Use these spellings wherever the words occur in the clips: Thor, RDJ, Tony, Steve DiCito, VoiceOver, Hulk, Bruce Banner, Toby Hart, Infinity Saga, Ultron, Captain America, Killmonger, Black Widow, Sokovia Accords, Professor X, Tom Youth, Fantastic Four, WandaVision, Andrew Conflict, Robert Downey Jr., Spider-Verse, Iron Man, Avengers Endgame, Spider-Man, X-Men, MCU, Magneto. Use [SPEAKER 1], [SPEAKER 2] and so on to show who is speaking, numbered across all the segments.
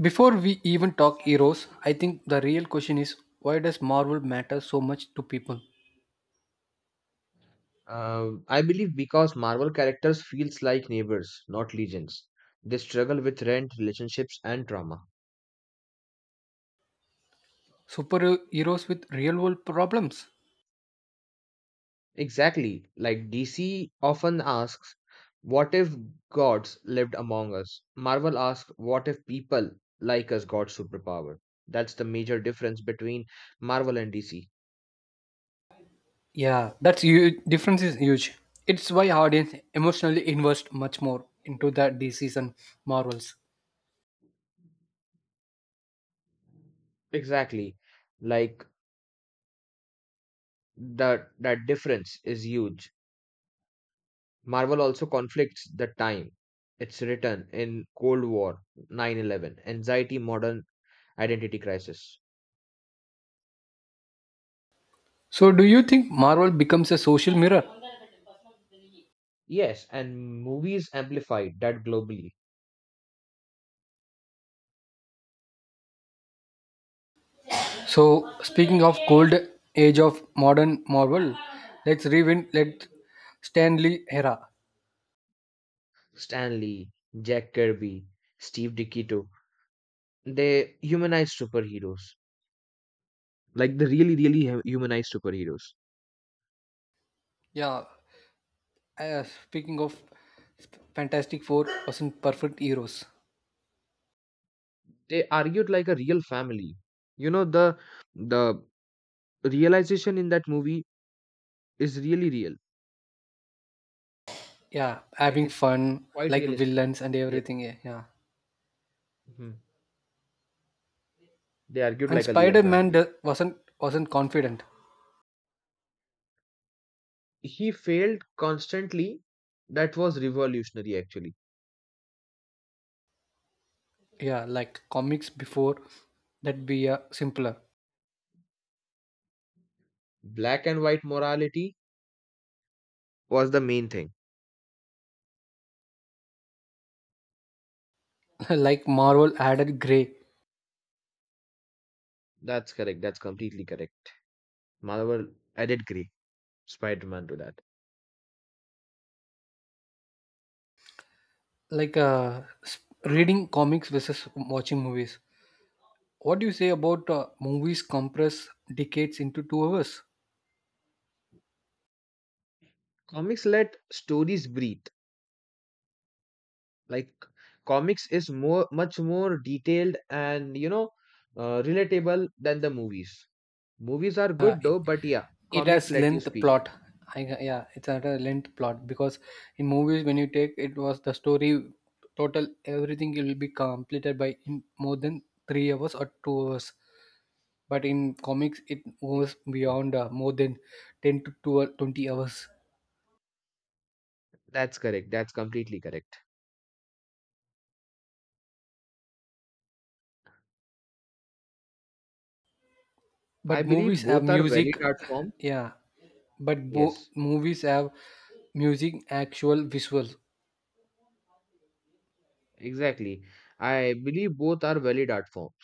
[SPEAKER 1] Before we even talk heroes, I think the real question is why does Marvel matter so much to people?
[SPEAKER 2] I believe because Marvel characters feels like neighbors, not legions. They struggle with rent, relationships, and trauma.
[SPEAKER 1] Superheroes with real world problems?
[SPEAKER 2] Exactly. Like DC often asks, what if gods lived among us? Marvel asks, what if people like us got superpower? That's the major difference between Marvel and DC.
[SPEAKER 1] Yeah, that's huge. Difference is huge. It's why audience emotionally invest much more into the DCs and Marvels.
[SPEAKER 2] Exactly. Like that difference is huge. Marvel also conflicts the time it's written in Cold War, 9/11, anxiety, modern identity crisis.
[SPEAKER 1] So do you think Marvel becomes a social mirror?
[SPEAKER 2] Yes, and movies amplified that globally.
[SPEAKER 1] So speaking of cold age of modern Marvel, let's rewind let Stanley era.
[SPEAKER 2] Stan Lee, Jack Kirby, Steve DiCito, they humanized superheroes. Like the really, really humanized superheroes.
[SPEAKER 1] Yeah, speaking of Fantastic Four wasn't perfect heroes.
[SPEAKER 2] They argued like a real family. You know, the realization in that movie is really real.
[SPEAKER 1] Yeah,
[SPEAKER 2] Like
[SPEAKER 1] having
[SPEAKER 2] it's
[SPEAKER 1] fun
[SPEAKER 2] quite
[SPEAKER 1] like
[SPEAKER 2] realistic.
[SPEAKER 1] villains and
[SPEAKER 2] Yeah.
[SPEAKER 1] everything. Yeah, yeah.
[SPEAKER 2] Mhm. They argued
[SPEAKER 1] And
[SPEAKER 2] like a real
[SPEAKER 1] Spider Man
[SPEAKER 2] family.
[SPEAKER 1] wasn't confident.
[SPEAKER 2] He failed constantly. That was revolutionary, actually.
[SPEAKER 1] Yeah, like comics before that be simpler.
[SPEAKER 2] Black and white morality was the main thing.
[SPEAKER 1] Like Marvel added gray.
[SPEAKER 2] That's correct. That's completely correct. Marvel added gray Spider-Man to that.
[SPEAKER 1] Like reading comics versus watching movies. What do you say about movies compress decades into 2 hours?
[SPEAKER 2] Comics let stories breathe. Like comics is more, much more detailed and relatable than the movies. Movies are
[SPEAKER 1] Uh,
[SPEAKER 2] good though, but yeah,
[SPEAKER 1] it
[SPEAKER 2] comics
[SPEAKER 1] has
[SPEAKER 2] let you
[SPEAKER 1] length
[SPEAKER 2] speak.
[SPEAKER 1] plot yeah, it's not a length plot because in movies when you take it was the story total everything will be completed by in more than 3 hours or 2 hours, but in comics it goes
[SPEAKER 2] Exactly.
[SPEAKER 1] beyond more than 10 to 12, 20 hours.
[SPEAKER 2] That's correct. That's completely correct. I
[SPEAKER 1] But movies
[SPEAKER 2] believe
[SPEAKER 1] have
[SPEAKER 2] both are valid
[SPEAKER 1] music.
[SPEAKER 2] art forms.
[SPEAKER 1] Yeah, but
[SPEAKER 2] Yes.
[SPEAKER 1] movies have music, actual visuals.
[SPEAKER 2] Exactly. I believe both are valid art forms.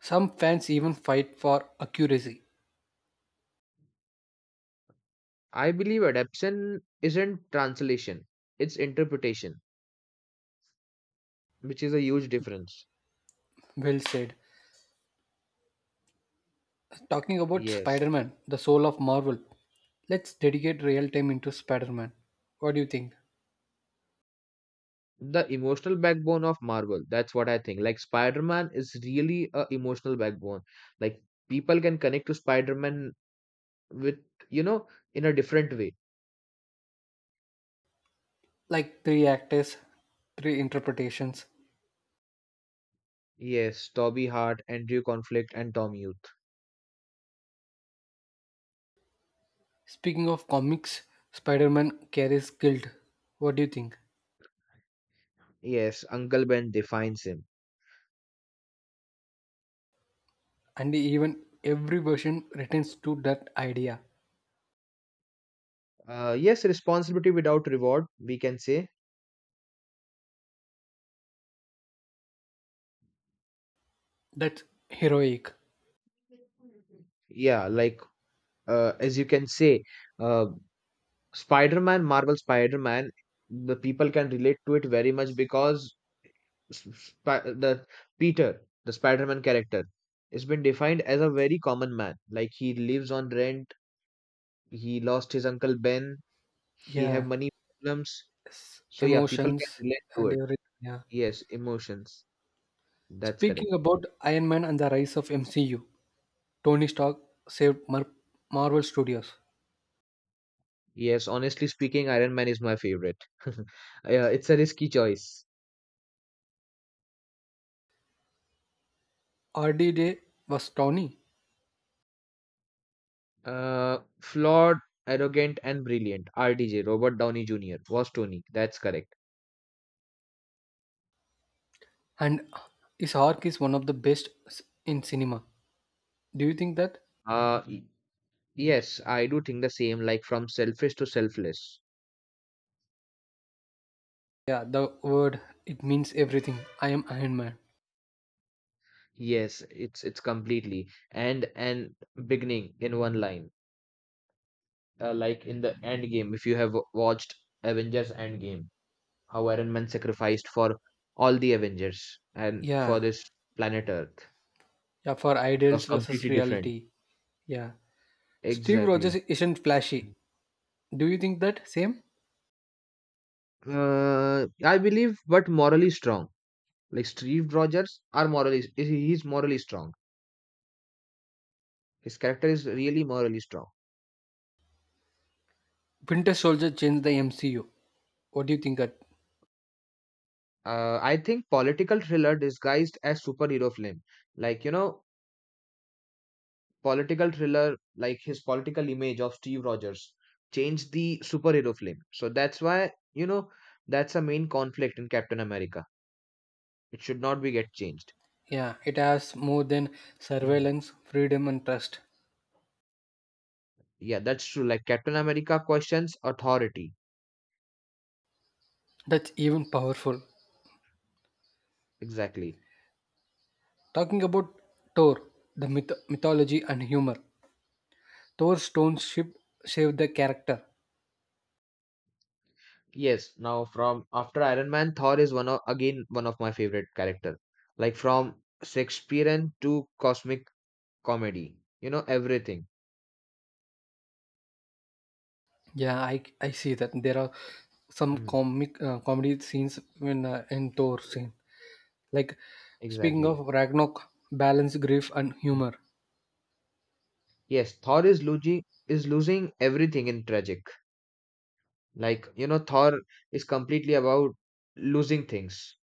[SPEAKER 1] Some fans even fight for accuracy.
[SPEAKER 2] I believe adaptation isn't translation, it's interpretation, which is a huge difference.
[SPEAKER 1] Well said. Talking about
[SPEAKER 2] Yes.
[SPEAKER 1] Spider-Man, the soul of Marvel, let's dedicate real time into Spider Man. What do you think?
[SPEAKER 2] The emotional backbone of Marvel, that's what I think. Like Spider-Man is really a emotional backbone. Like people can connect to Spider-Man with, you know, in a different way.
[SPEAKER 1] Like three actors, three interpretations.
[SPEAKER 2] Yes, Toby Hart, Andrew Conflict, and Tom Youth.
[SPEAKER 1] Speaking of comics, Spider Man carries guilt. What do you think?
[SPEAKER 2] Yes, Uncle Ben defines him.
[SPEAKER 1] And even every version returns to that idea.
[SPEAKER 2] Yes, responsibility without reward, we can say.
[SPEAKER 1] That's heroic.
[SPEAKER 2] Yeah, like as you can say, uh, spider-man, the people can relate to it very much because the peter, the spider-man character has been defined as a very common man. Like he lives on rent, he lost his uncle ben, he have
[SPEAKER 1] Yeah.
[SPEAKER 2] money problems, so yeah, people can
[SPEAKER 1] Emotions
[SPEAKER 2] relate to
[SPEAKER 1] and
[SPEAKER 2] it.
[SPEAKER 1] everything. Yeah.
[SPEAKER 2] Yes, emotions. That's
[SPEAKER 1] Speaking
[SPEAKER 2] correct.
[SPEAKER 1] about Iron Man and the rise of MCU, Tony Stark saved Marvel Studios.
[SPEAKER 2] Yes, honestly speaking, iron man is my favorite. Yeah, it's a risky choice.
[SPEAKER 1] RDJ was Tony.
[SPEAKER 2] Flawed, arrogant, and brilliant. RDJ, Robert Downey Jr. was Tony. That's correct.
[SPEAKER 1] And his arc is one of the best in cinema. Do you think that?
[SPEAKER 2] Uh, y- yes, I do think the same. Like from selfish to selfless.
[SPEAKER 1] Yeah, the word it means everything. I am Iron Man.
[SPEAKER 2] Yes, it's completely and beginning in one line. Like in the end game, if you have watched Avengers Endgame, how Iron Man sacrificed for all the Avengers and for
[SPEAKER 1] Yeah,
[SPEAKER 2] this planet Earth.
[SPEAKER 1] yeah, for
[SPEAKER 2] It
[SPEAKER 1] ideals
[SPEAKER 2] was
[SPEAKER 1] versus
[SPEAKER 2] completely different.
[SPEAKER 1] reality. Yeah, Steve Rogers
[SPEAKER 2] Exactly.
[SPEAKER 1] isn't flashy. Do you think that same?
[SPEAKER 2] I believe, but morally strong. Like Steve Rogers are morally he's morally strong. His character is really morally strong.
[SPEAKER 1] Winter Soldier changed the MCU. What do you think that?
[SPEAKER 2] I think political thriller disguised as superhero film, like you know, political thriller like his political image of Steve Rogers changed the superhero film. So that's why you know that's a main conflict in Captain America. It should not be get changed.
[SPEAKER 1] Yeah, it has more than
[SPEAKER 2] Mhm.
[SPEAKER 1] surveillance, freedom, and trust.
[SPEAKER 2] Yeah, that's true. Like Captain America questions authority.
[SPEAKER 1] That's even powerful.
[SPEAKER 2] Exactly.
[SPEAKER 1] Talking about Thor, the mythology and humor. Thor's stone ship saved the character.
[SPEAKER 2] Yes, now from after Iron Man, Thor is one of again one of my favorite character. Like from Shakespearean to cosmic comedy, you know everything.
[SPEAKER 1] Yeah, I see that there are some
[SPEAKER 2] Mm,
[SPEAKER 1] comic comedy scenes in Thor scene. Like speaking
[SPEAKER 2] exactly.
[SPEAKER 1] of Ragnarok, balance grief and humor.
[SPEAKER 2] Yes, Thor is losing everything in tragic. Like you know, Thor is completely about losing things.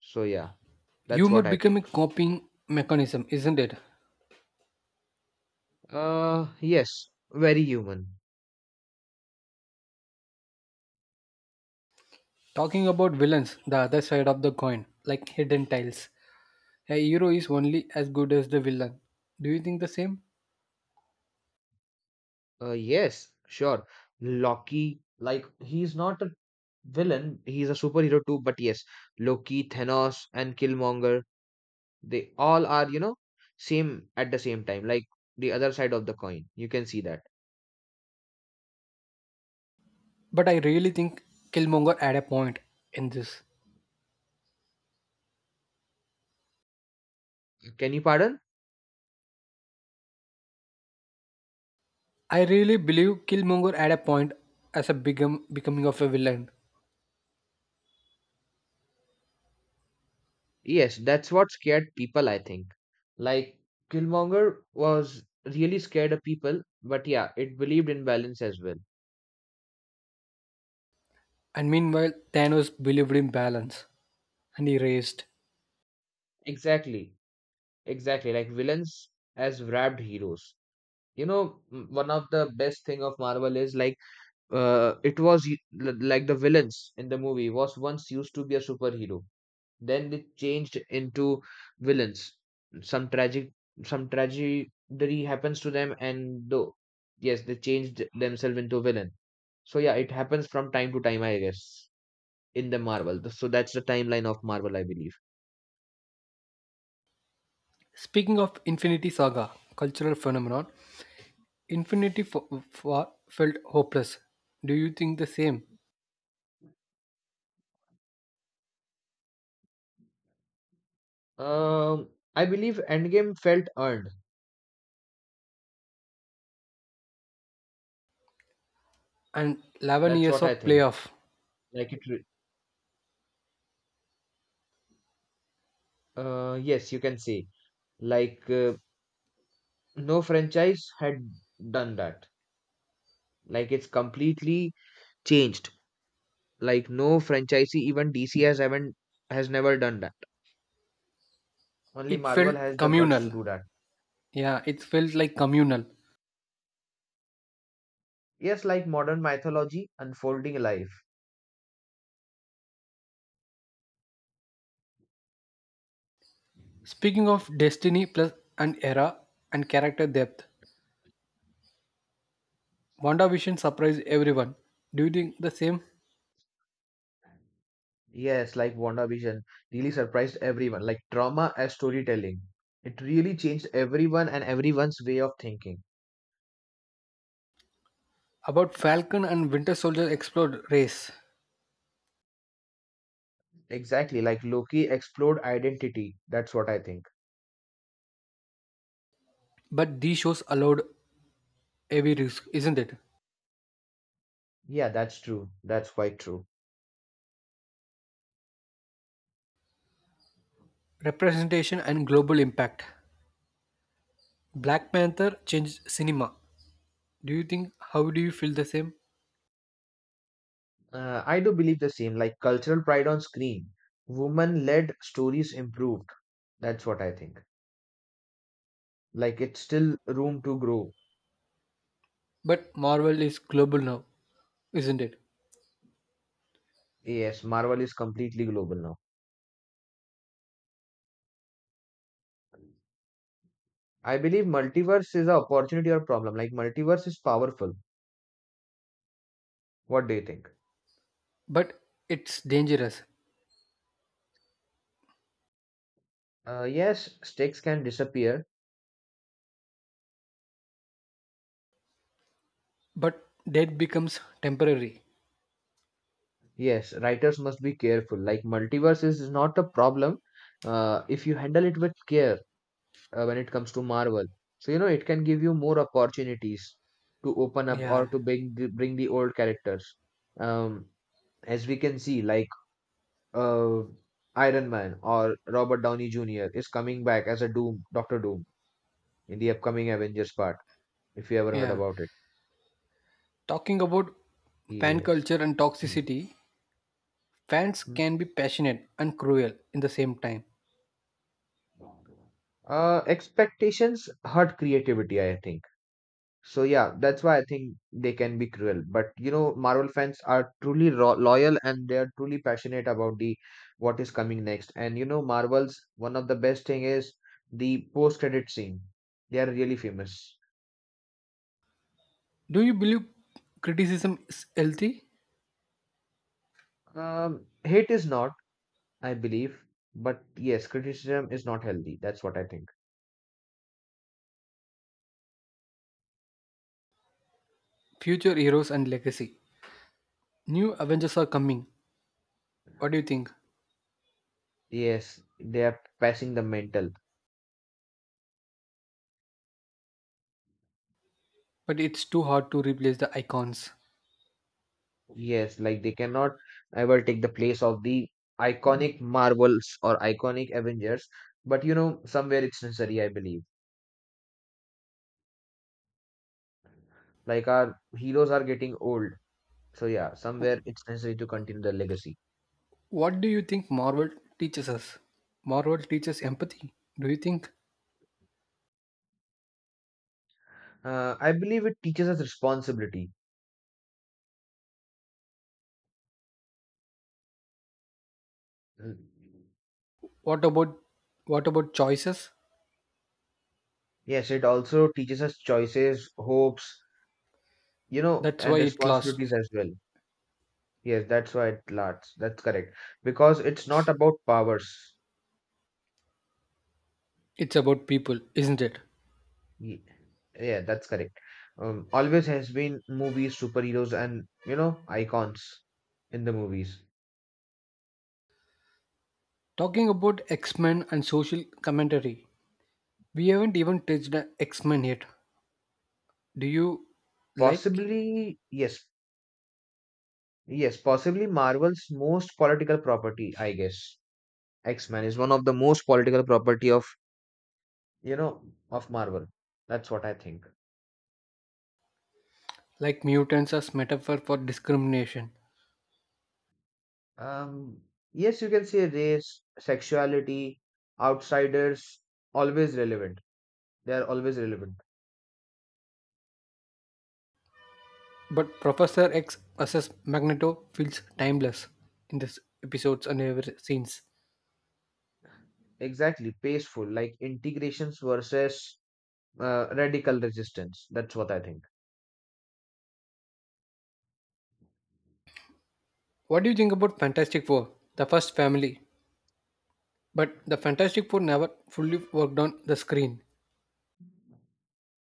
[SPEAKER 2] So yeah, that's
[SPEAKER 1] Humor
[SPEAKER 2] what I
[SPEAKER 1] become
[SPEAKER 2] think.
[SPEAKER 1] a coping mechanism, isn't it?
[SPEAKER 2] Yes, very human.
[SPEAKER 1] Talking about villains, the other side of the coin, like hidden tiles. A hero is only as good as the villain. Do you think the same?
[SPEAKER 2] Yes, sure. Loki, like he's not a villain, he's a superhero too, but yes, Loki, Thanos, and Killmonger, they all are, you know, same at the same time, like the other side of the coin. You can see that.
[SPEAKER 1] But I really think Killmonger had a point in this.
[SPEAKER 2] Can you pardon?
[SPEAKER 1] I really believe Killmonger had a point as a become becoming of a villain.
[SPEAKER 2] Yes, that's what scared people, I think. Like, Killmonger was really scared of people, but yeah, it believed in balance as well.
[SPEAKER 1] And meanwhile, Thanos believed in balance and he raised.
[SPEAKER 2] Exactly, exactly. Like, villains as wrapped heroes. You know, one of the best thing of Marvel is like it was y- l- like the villains in the movie was once used to be a superhero, then they changed into villains. Some tragic, some tragedy happens to them, and though yes, they changed themselves into villain. So yeah, it happens from time to time, I guess, in the marvel. So that's the timeline of marvel, I believe.
[SPEAKER 1] Speaking of Infinity Saga, cultural phenomenon, Infinity felt hopeless. Do you think the same?
[SPEAKER 2] um I believe endgame felt earned.
[SPEAKER 1] And 11
[SPEAKER 2] That's
[SPEAKER 1] years
[SPEAKER 2] what I
[SPEAKER 1] of
[SPEAKER 2] think.
[SPEAKER 1] playoff,
[SPEAKER 2] like it re- yes, you can say, like uh, no franchise had done that. Like it's completely changed. Like no franchisee, even DC has haven't, has never done that. Only
[SPEAKER 1] it
[SPEAKER 2] Marvel
[SPEAKER 1] felt
[SPEAKER 2] has the guts to
[SPEAKER 1] communal.
[SPEAKER 2] do that.
[SPEAKER 1] Yeah, it felt like communal.
[SPEAKER 2] Yes, like modern mythology unfolding life.
[SPEAKER 1] Speaking of destiny plus an era and character depth, WandaVision surprised everyone. Do you think the same?
[SPEAKER 2] Yes, like WandaVision really surprised everyone. Like drama as storytelling. It really changed everyone and everyone's way of thinking.
[SPEAKER 1] About Falcon and Winter Soldier explored race,
[SPEAKER 2] Exactly, like Loki explored identity. That's what I think.
[SPEAKER 1] but these shows allowed heavy risk, isn't it?
[SPEAKER 2] Yeah, that's true. That's quite true.
[SPEAKER 1] Representation and global impact. Black Panther changed cinema. Do you think how do you feel the same?
[SPEAKER 2] I do believe the same, like cultural pride on screen. Woman led stories improved. That's what I think. Like it's still room to grow.
[SPEAKER 1] But Marvel is global now, isn't it?
[SPEAKER 2] Yes, Marvel is completely global now. I believe multiverse is an opportunity or problem. Like multiverse is powerful. What do you think?
[SPEAKER 1] But it's dangerous.
[SPEAKER 2] Yes, stakes can disappear.
[SPEAKER 1] But that becomes temporary.
[SPEAKER 2] Yes, writers must be careful. Like multiverse is not a problem if you handle it with care, when it comes to Marvel. So you know it can give you more opportunities to open up
[SPEAKER 1] Yeah,
[SPEAKER 2] or to bring the old characters. Um, as we can see, uh, Iron Man or Robert Downey Jr. is coming back as a Doctor Doom in the upcoming Avengers part. If you ever heard
[SPEAKER 1] yeah.
[SPEAKER 2] about it,
[SPEAKER 1] Talking about fan
[SPEAKER 2] yes.
[SPEAKER 1] culture and toxicity, fans
[SPEAKER 2] Mhm.
[SPEAKER 1] can be passionate and cruel in the same time.
[SPEAKER 2] Expectations hurt creativity, I think. So yeah, that's why I think they can be cruel. But you know, Marvel fans are truly ro loyal, and they are truly passionate about the what is coming next. And you know, Marvel's one of the best thing is the post-credit scene. They are really famous.
[SPEAKER 1] Do you believe criticism is healthy?
[SPEAKER 2] Hate is not, I believe, but yes, criticism is not healthy. That's what I think.
[SPEAKER 1] Future heroes and legacy. New Avengers are coming. What do you think?
[SPEAKER 2] Yes, they are passing the mental.
[SPEAKER 1] But it's too hard to replace the icons.
[SPEAKER 2] Yes, like they cannot ever take the place of the iconic Marvels or iconic Avengers. But you know, somewhere it's necessary, I believe. Like our heroes are getting old. So yeah, somewhere it's necessary to continue the legacy.
[SPEAKER 1] What do you think Marvel teaches us? Marvel teaches empathy. Do you think?
[SPEAKER 2] I believe it teaches us responsibility. Mm.
[SPEAKER 1] What about what about choices?
[SPEAKER 2] Yes, it also teaches us choices, hopes, you know,
[SPEAKER 1] That's
[SPEAKER 2] and
[SPEAKER 1] why it lasts.
[SPEAKER 2] responsibilities as well. Yes, that's why it lasts. That's correct. Because it's not about powers.
[SPEAKER 1] It's about people, isn't it?
[SPEAKER 2] Ye- Yeah, that's correct. Always has been movies, superheroes, and you know, icons in the movies.
[SPEAKER 1] Talking about X-Men and social commentary. We haven't even touched the X-Men yet. Do you like
[SPEAKER 2] Possibly, yes, yes, possibly Marvel's most political property, I guess. X-Men is one of the most political property of, you know, of Marvel. That's what I think.
[SPEAKER 1] like mutants as metaphor for discrimination?
[SPEAKER 2] Um, yes, you can say race, sexuality, outsiders, always relevant. They are always relevant.
[SPEAKER 1] But Professor X versus Magneto feels timeless in this episodes and ever since.
[SPEAKER 2] Exactly, peaceful, like integrations versus radical resistance. That's what I think.
[SPEAKER 1] What do you think about Fantastic Four, the first family? But the Fantastic Four never fully worked on the screen.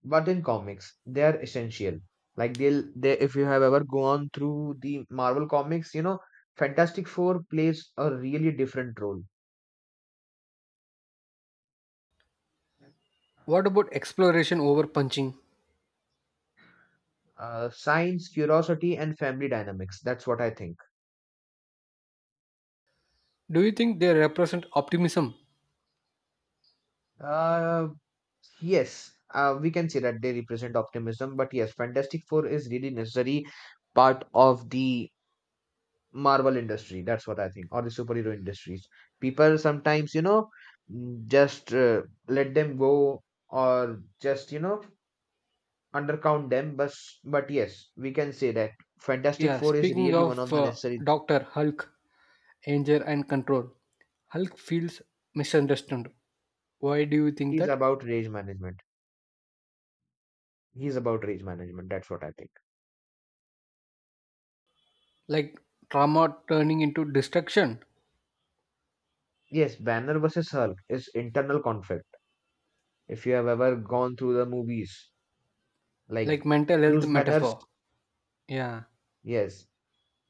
[SPEAKER 2] But in comics, they are essential. Like they'll they if you have ever gone through the Marvel comics, you know, Fantastic Four plays a really different role.
[SPEAKER 1] What about exploration over punching?
[SPEAKER 2] Science, curiosity, and family dynamics. That's what I think.
[SPEAKER 1] Do you think they represent optimism?
[SPEAKER 2] Uh, yes, we can say that they represent optimism, but yes, Fantastic Four is really necessary part of the Marvel industry. That's what I think, or the superhero industries. People sometimes, you know, mm, just let them go, or just, you know, undercount them. But yes, we can say that Fantastic
[SPEAKER 1] Yeah,
[SPEAKER 2] Four is
[SPEAKER 1] speaking
[SPEAKER 2] really one of
[SPEAKER 1] of
[SPEAKER 2] the necessary.
[SPEAKER 1] Doctor Hulk, Danger and Control, Hulk feels misunderstood. Why do you think
[SPEAKER 2] He's
[SPEAKER 1] that?
[SPEAKER 2] about rage management. He's about rage management. That's what I think.
[SPEAKER 1] Like trauma turning into destruction,
[SPEAKER 2] Yes, Banner versus Hulk is internal conflict. If you have ever gone through the movies, like
[SPEAKER 1] like mental health
[SPEAKER 2] Bruce Banner's,
[SPEAKER 1] metaphor. Yeah,
[SPEAKER 2] yes,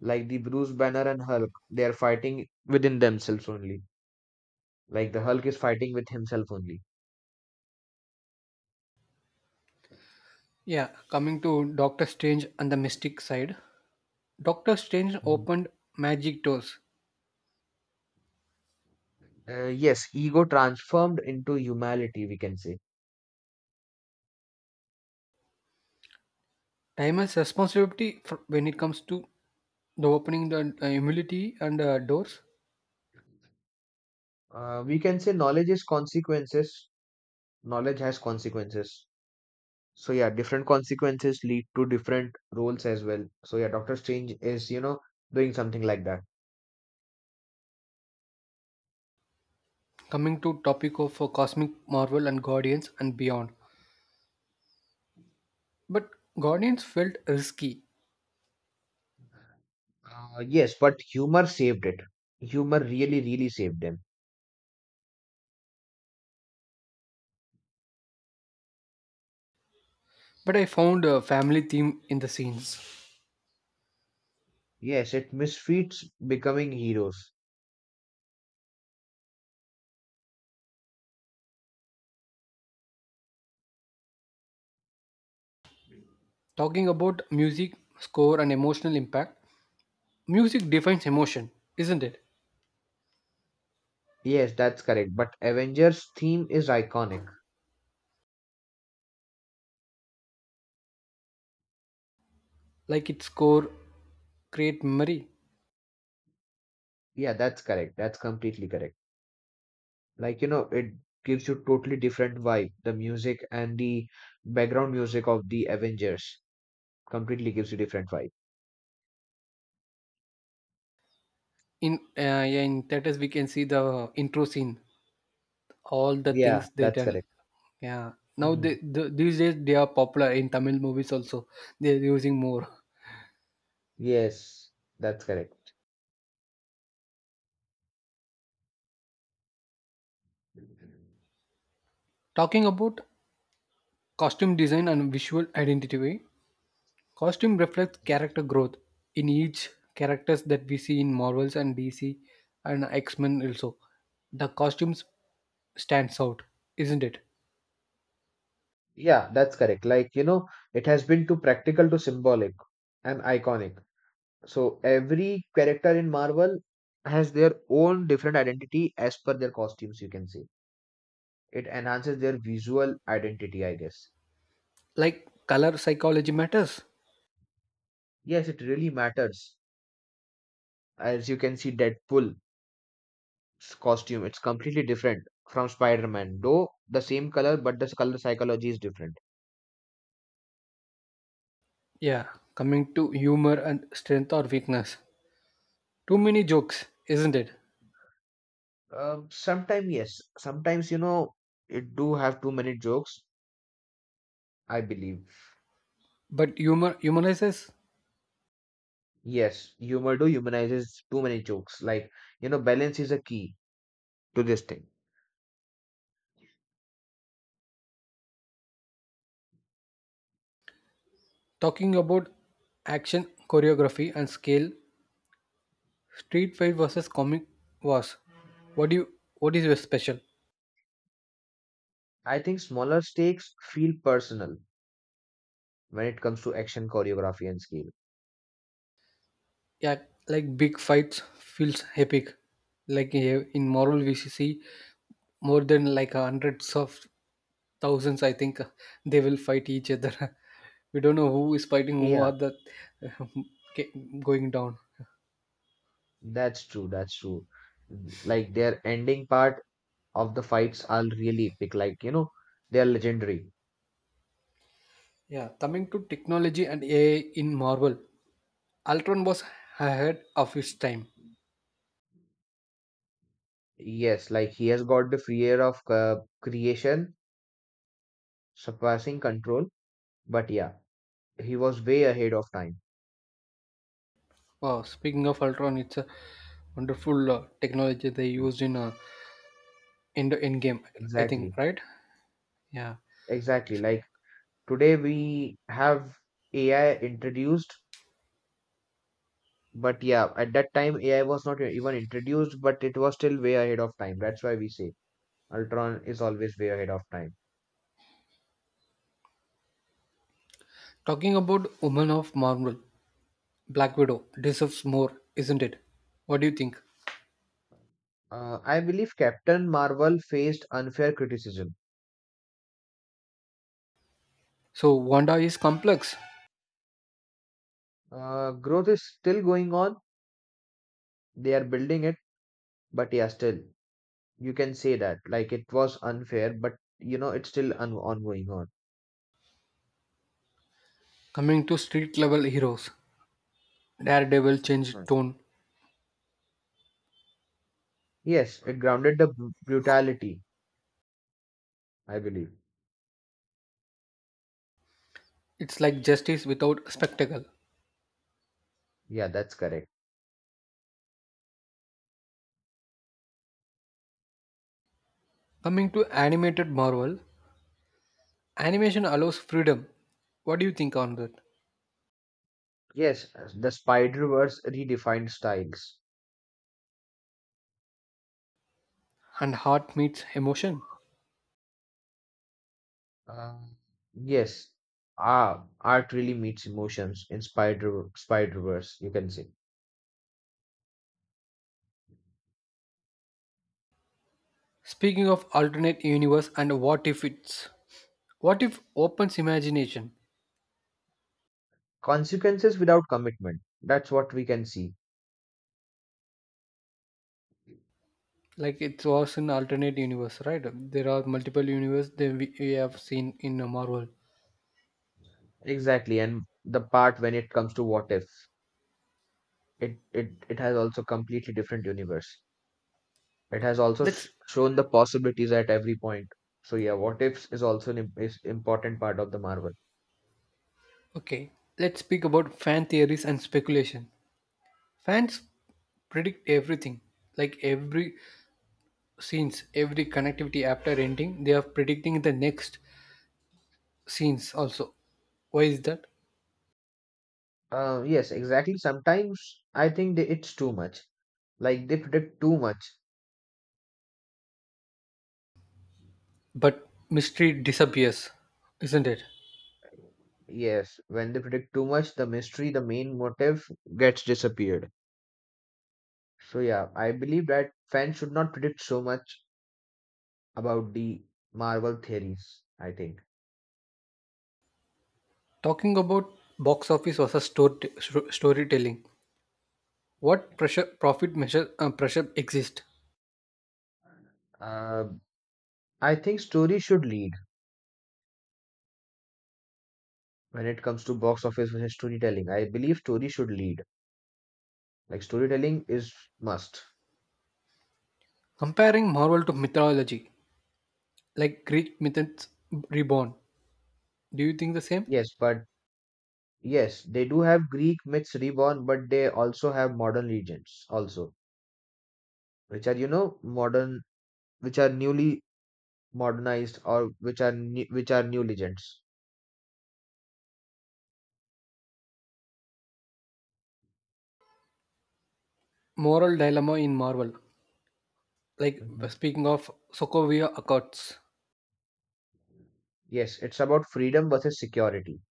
[SPEAKER 2] like the Bruce Banner and Hulk, they are fighting within themselves only. Like the Hulk is fighting with himself only.
[SPEAKER 1] yeah. Coming to Doctor Strange and the Mystic side, Doctor Strange
[SPEAKER 2] Mhm.
[SPEAKER 1] opened magic doors,
[SPEAKER 2] Yes, ego transformed into humanity, we can say.
[SPEAKER 1] time has responsibility for when it comes to the opening the humility and doors.
[SPEAKER 2] We can say knowledge is consequences. Knowledge has consequences. So yeah, different consequences lead to different roles as well. So yeah, Doctor Strange is, you know, doing something like that.
[SPEAKER 1] Coming to topic of cosmic Marvel and guardians and beyond, but guardians felt risky.
[SPEAKER 2] Yes, but humor saved it. Humor really, really saved them.
[SPEAKER 1] But I found a family theme in the scenes.
[SPEAKER 2] Yes, it misfits becoming heroes.
[SPEAKER 1] Talking about music score and emotional impact, music defines emotion, isn't it?
[SPEAKER 2] Yes, that's correct. But Avengers theme is iconic.
[SPEAKER 1] Like its score create memory
[SPEAKER 2] Yeah, that's correct. That's completely correct. Like you know it gives you totally different vibe, the music and the background music of the avengers completely gives you different vibe.
[SPEAKER 1] in yeah, in theaters we can see the intro scene, all the things
[SPEAKER 2] Yeah,
[SPEAKER 1] they
[SPEAKER 2] that's
[SPEAKER 1] done.
[SPEAKER 2] correct.
[SPEAKER 1] Yeah. Now
[SPEAKER 2] Hmm.
[SPEAKER 1] these days they are popular in Tamil movies also. They're using more.
[SPEAKER 2] Yes, that's correct.
[SPEAKER 1] Talking about costume design and visual identity, right? Costume reflects character growth in each characters that we see in Marvels and DC and X-Men also. The costumes stands out, isn't it?
[SPEAKER 2] Yeah, that's correct. Like you know it has been too practical to symbolic and iconic. So every character in marvel has their own different identity as per their costumes, you can see it enhances their visual identity, I guess.
[SPEAKER 1] Like color psychology matters.
[SPEAKER 2] Yes, it really matters. As you can see, deadpool costume. It's completely different from Spider-Man, though the same color, but the color psychology is different.
[SPEAKER 1] Yeah, coming to humor and strength or weakness. Too many jokes, isn't it?
[SPEAKER 2] Sometimes yes, sometimes you know it do have too many jokes, I believe.
[SPEAKER 1] But humor humanizes.
[SPEAKER 2] Yes, humor do humanizes too many jokes. Like you know, balance is a key to this thing.
[SPEAKER 1] Talking about action choreography and scale, Street Fight versus Comic Wars. What do you what is your special?
[SPEAKER 2] I think smaller stakes feel personal when it comes to action choreography and scale.
[SPEAKER 1] Yeah, like big fights feels epic. Like eh, in Marvel, we see more than like hundreds of thousands. I think they will fight each other. We don't know who is fighting who
[SPEAKER 2] Yeah,
[SPEAKER 1] are the okay, going down.
[SPEAKER 2] that's true. That's true. Like their ending part of the fights are really epic. Like you know, they are legendary.
[SPEAKER 1] Yeah, coming to technology and AI in Marvel, Ultron was ahead of its time.
[SPEAKER 2] Yes, like he has got the free air of creation, surpassing control. But yeah, he was way ahead of time.
[SPEAKER 1] Wow, speaking of Ultron, it's a wonderful technology they
[SPEAKER 2] Mm.
[SPEAKER 1] used in the end game, I think,
[SPEAKER 2] Exactly.
[SPEAKER 1] right? Yeah.
[SPEAKER 2] Exactly. Like today we have AI introduced, but yeah, at that time AI was not even introduced, but it was still way ahead of time. That's why we say Ultron is always way ahead of time.
[SPEAKER 1] Talking about Woman of Marvel, Black Widow deserves more, isn't it? What do you think?
[SPEAKER 2] I believe Captain Marvel faced unfair criticism.
[SPEAKER 1] So Wanda is complex.
[SPEAKER 2] Growth is still going on. They are building it, but yeah, still. You can say that. Like it was unfair, but you know, it's still on ongoing on.
[SPEAKER 1] Coming to street level heroes, Daredevil changed
[SPEAKER 2] Right.
[SPEAKER 1] tone.
[SPEAKER 2] Yes, it grounded the brutality, I believe.
[SPEAKER 1] It's like justice without spectacle.
[SPEAKER 2] Yeah, that's correct.
[SPEAKER 1] Coming to animated Marvel, animation allows freedom. What do you think on that?
[SPEAKER 2] Yes, the Spider-Verse redefined styles.
[SPEAKER 1] And heart meets emotion.
[SPEAKER 2] Uh, yes, Art really meets emotions in Spider-Verse, you can say.
[SPEAKER 1] Speaking of alternate universe and what if it's what if opens imagination,
[SPEAKER 2] Consequences without commitment. That's what we can see.
[SPEAKER 1] like it was an alternate universe, right? There are multiple universe that we have seen in Marvel.
[SPEAKER 2] Exactly, and the part when it comes to what if, it has also completely different universe. It has also
[SPEAKER 1] Let's
[SPEAKER 2] shown the possibilities at every point. So yeah, what ifs is also is important part of the Marvel.
[SPEAKER 1] okay, let's speak about fan theories and speculation. Fans predict everything, like every scenes, every connectivity after ending they are predicting the next scenes also. Why is that?
[SPEAKER 2] Yes, exactly. Sometimes I think they, it's too much. Like they predict too much.
[SPEAKER 1] But mystery disappears, isn't it?
[SPEAKER 2] Yes, when they predict too much, the mystery, the main motive gets disappeared. So yeah, I believe that fans should not predict so much about the Marvel theories, I think.
[SPEAKER 1] Talking about box office versus storytelling, what pressure profit measure pressure exists?
[SPEAKER 2] Uh, I think story should lead when it comes to box office versus storytelling. I believe story should lead. Like storytelling is must.
[SPEAKER 1] Comparing Marvel to mythology, like Greek myths reborn. Do you think the same?
[SPEAKER 2] Yes, but yes, they do have Greek myths reborn, but they also have modern legends also, which are you know modern, which are newly modernized, or which are new legends.
[SPEAKER 1] Moral dilemma in Marvel, like
[SPEAKER 2] Mhm.
[SPEAKER 1] speaking of Sokovia Accords.
[SPEAKER 2] Yes, it's about freedom versus security.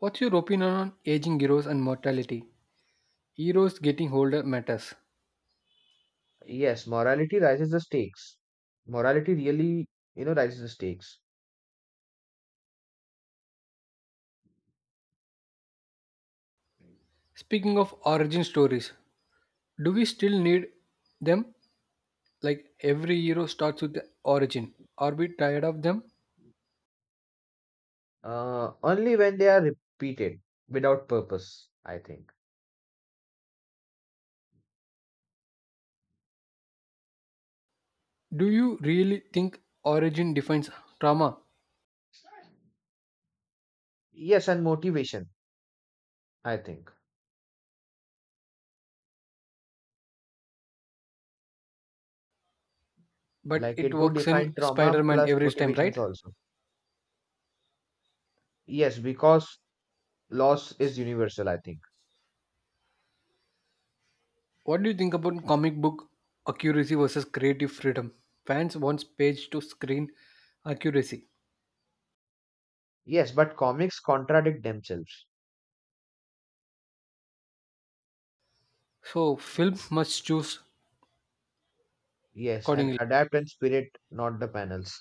[SPEAKER 1] What's your opinion on aging heroes and mortality? Heroes getting older matters.
[SPEAKER 2] Yes, morality rises the stakes. Morality really, you know, rises the stakes.
[SPEAKER 1] Speaking of origin stories, do we still need them? Like every hero starts with the origin. Are we tired of them?
[SPEAKER 2] Only when they are repeated without purpose, I think.
[SPEAKER 1] Do you really think origin defines trauma?
[SPEAKER 2] Yes, and motivation, I think.
[SPEAKER 1] But
[SPEAKER 2] Like
[SPEAKER 1] it
[SPEAKER 2] it do
[SPEAKER 1] works in
[SPEAKER 2] define
[SPEAKER 1] Spider
[SPEAKER 2] trauma
[SPEAKER 1] Man
[SPEAKER 2] plus
[SPEAKER 1] every time,
[SPEAKER 2] motivations
[SPEAKER 1] right?
[SPEAKER 2] also. Yes, because loss is universal, I think.
[SPEAKER 1] What do you think about comic book accuracy versus creative freedom? Fans wants page to screen accuracy.
[SPEAKER 2] Yes, but comics contradict themselves.
[SPEAKER 1] So film must choose
[SPEAKER 2] Yes, and
[SPEAKER 1] accordingly.
[SPEAKER 2] adapt and spirit not the panels.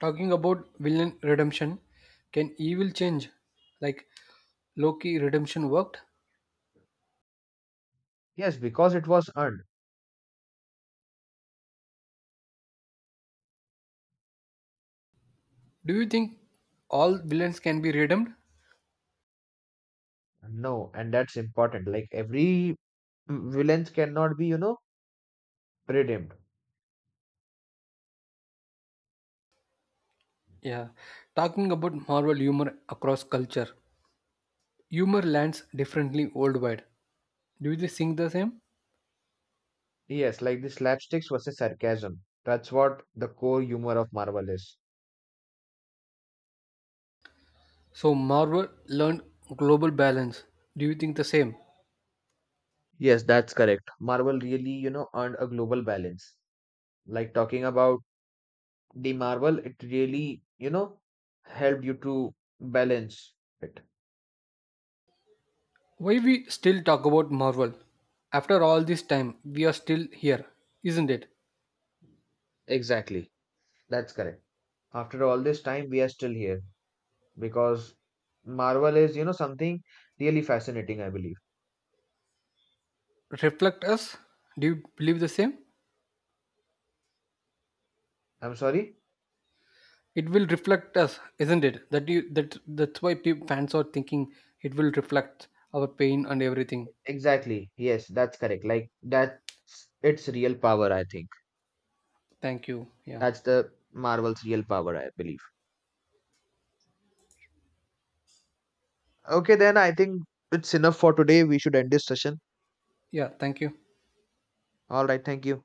[SPEAKER 1] Talking about villain redemption, can evil change? Like Loki redemption worked?
[SPEAKER 2] Yes, because it was earned.
[SPEAKER 1] Do you think all villains can be redeemed?
[SPEAKER 2] No, and that's important. Like every villain cannot be you know redeemed.
[SPEAKER 1] Yeah. Talking about Marvel humor across culture. Humor lands differently worldwide. Do you think the same?
[SPEAKER 2] Yes, like the slapsticks versus sarcasm, that's what the core humor of marvel is.
[SPEAKER 1] So Marvel learned global balance. Do you think the same?
[SPEAKER 2] Yes, that's correct. Marvel really you know earned a global balance. Like talking about the marble, it really you know helped you to balance it.
[SPEAKER 1] Why we still talk about Marvel? After all this time, we are still here, isn't it?
[SPEAKER 2] Exactly, that's correct. After all this time we are still here, because marvel is you know something really fascinating, I believe.
[SPEAKER 1] Reflect us. Do you believe the same?
[SPEAKER 2] I'm sorry.
[SPEAKER 1] It will reflect us, isn't it? That you that that's why people, fans are thinking it will reflect our pain and everything.
[SPEAKER 2] Exactly, yes, that's correct. Like that's its real power, I think.
[SPEAKER 1] Thank you. Yeah.
[SPEAKER 2] That's the marvel's real power, I believe. Okay, then I think it's enough for today, we should end this session.
[SPEAKER 1] Yeah. Thank you.
[SPEAKER 2] All right, thank you.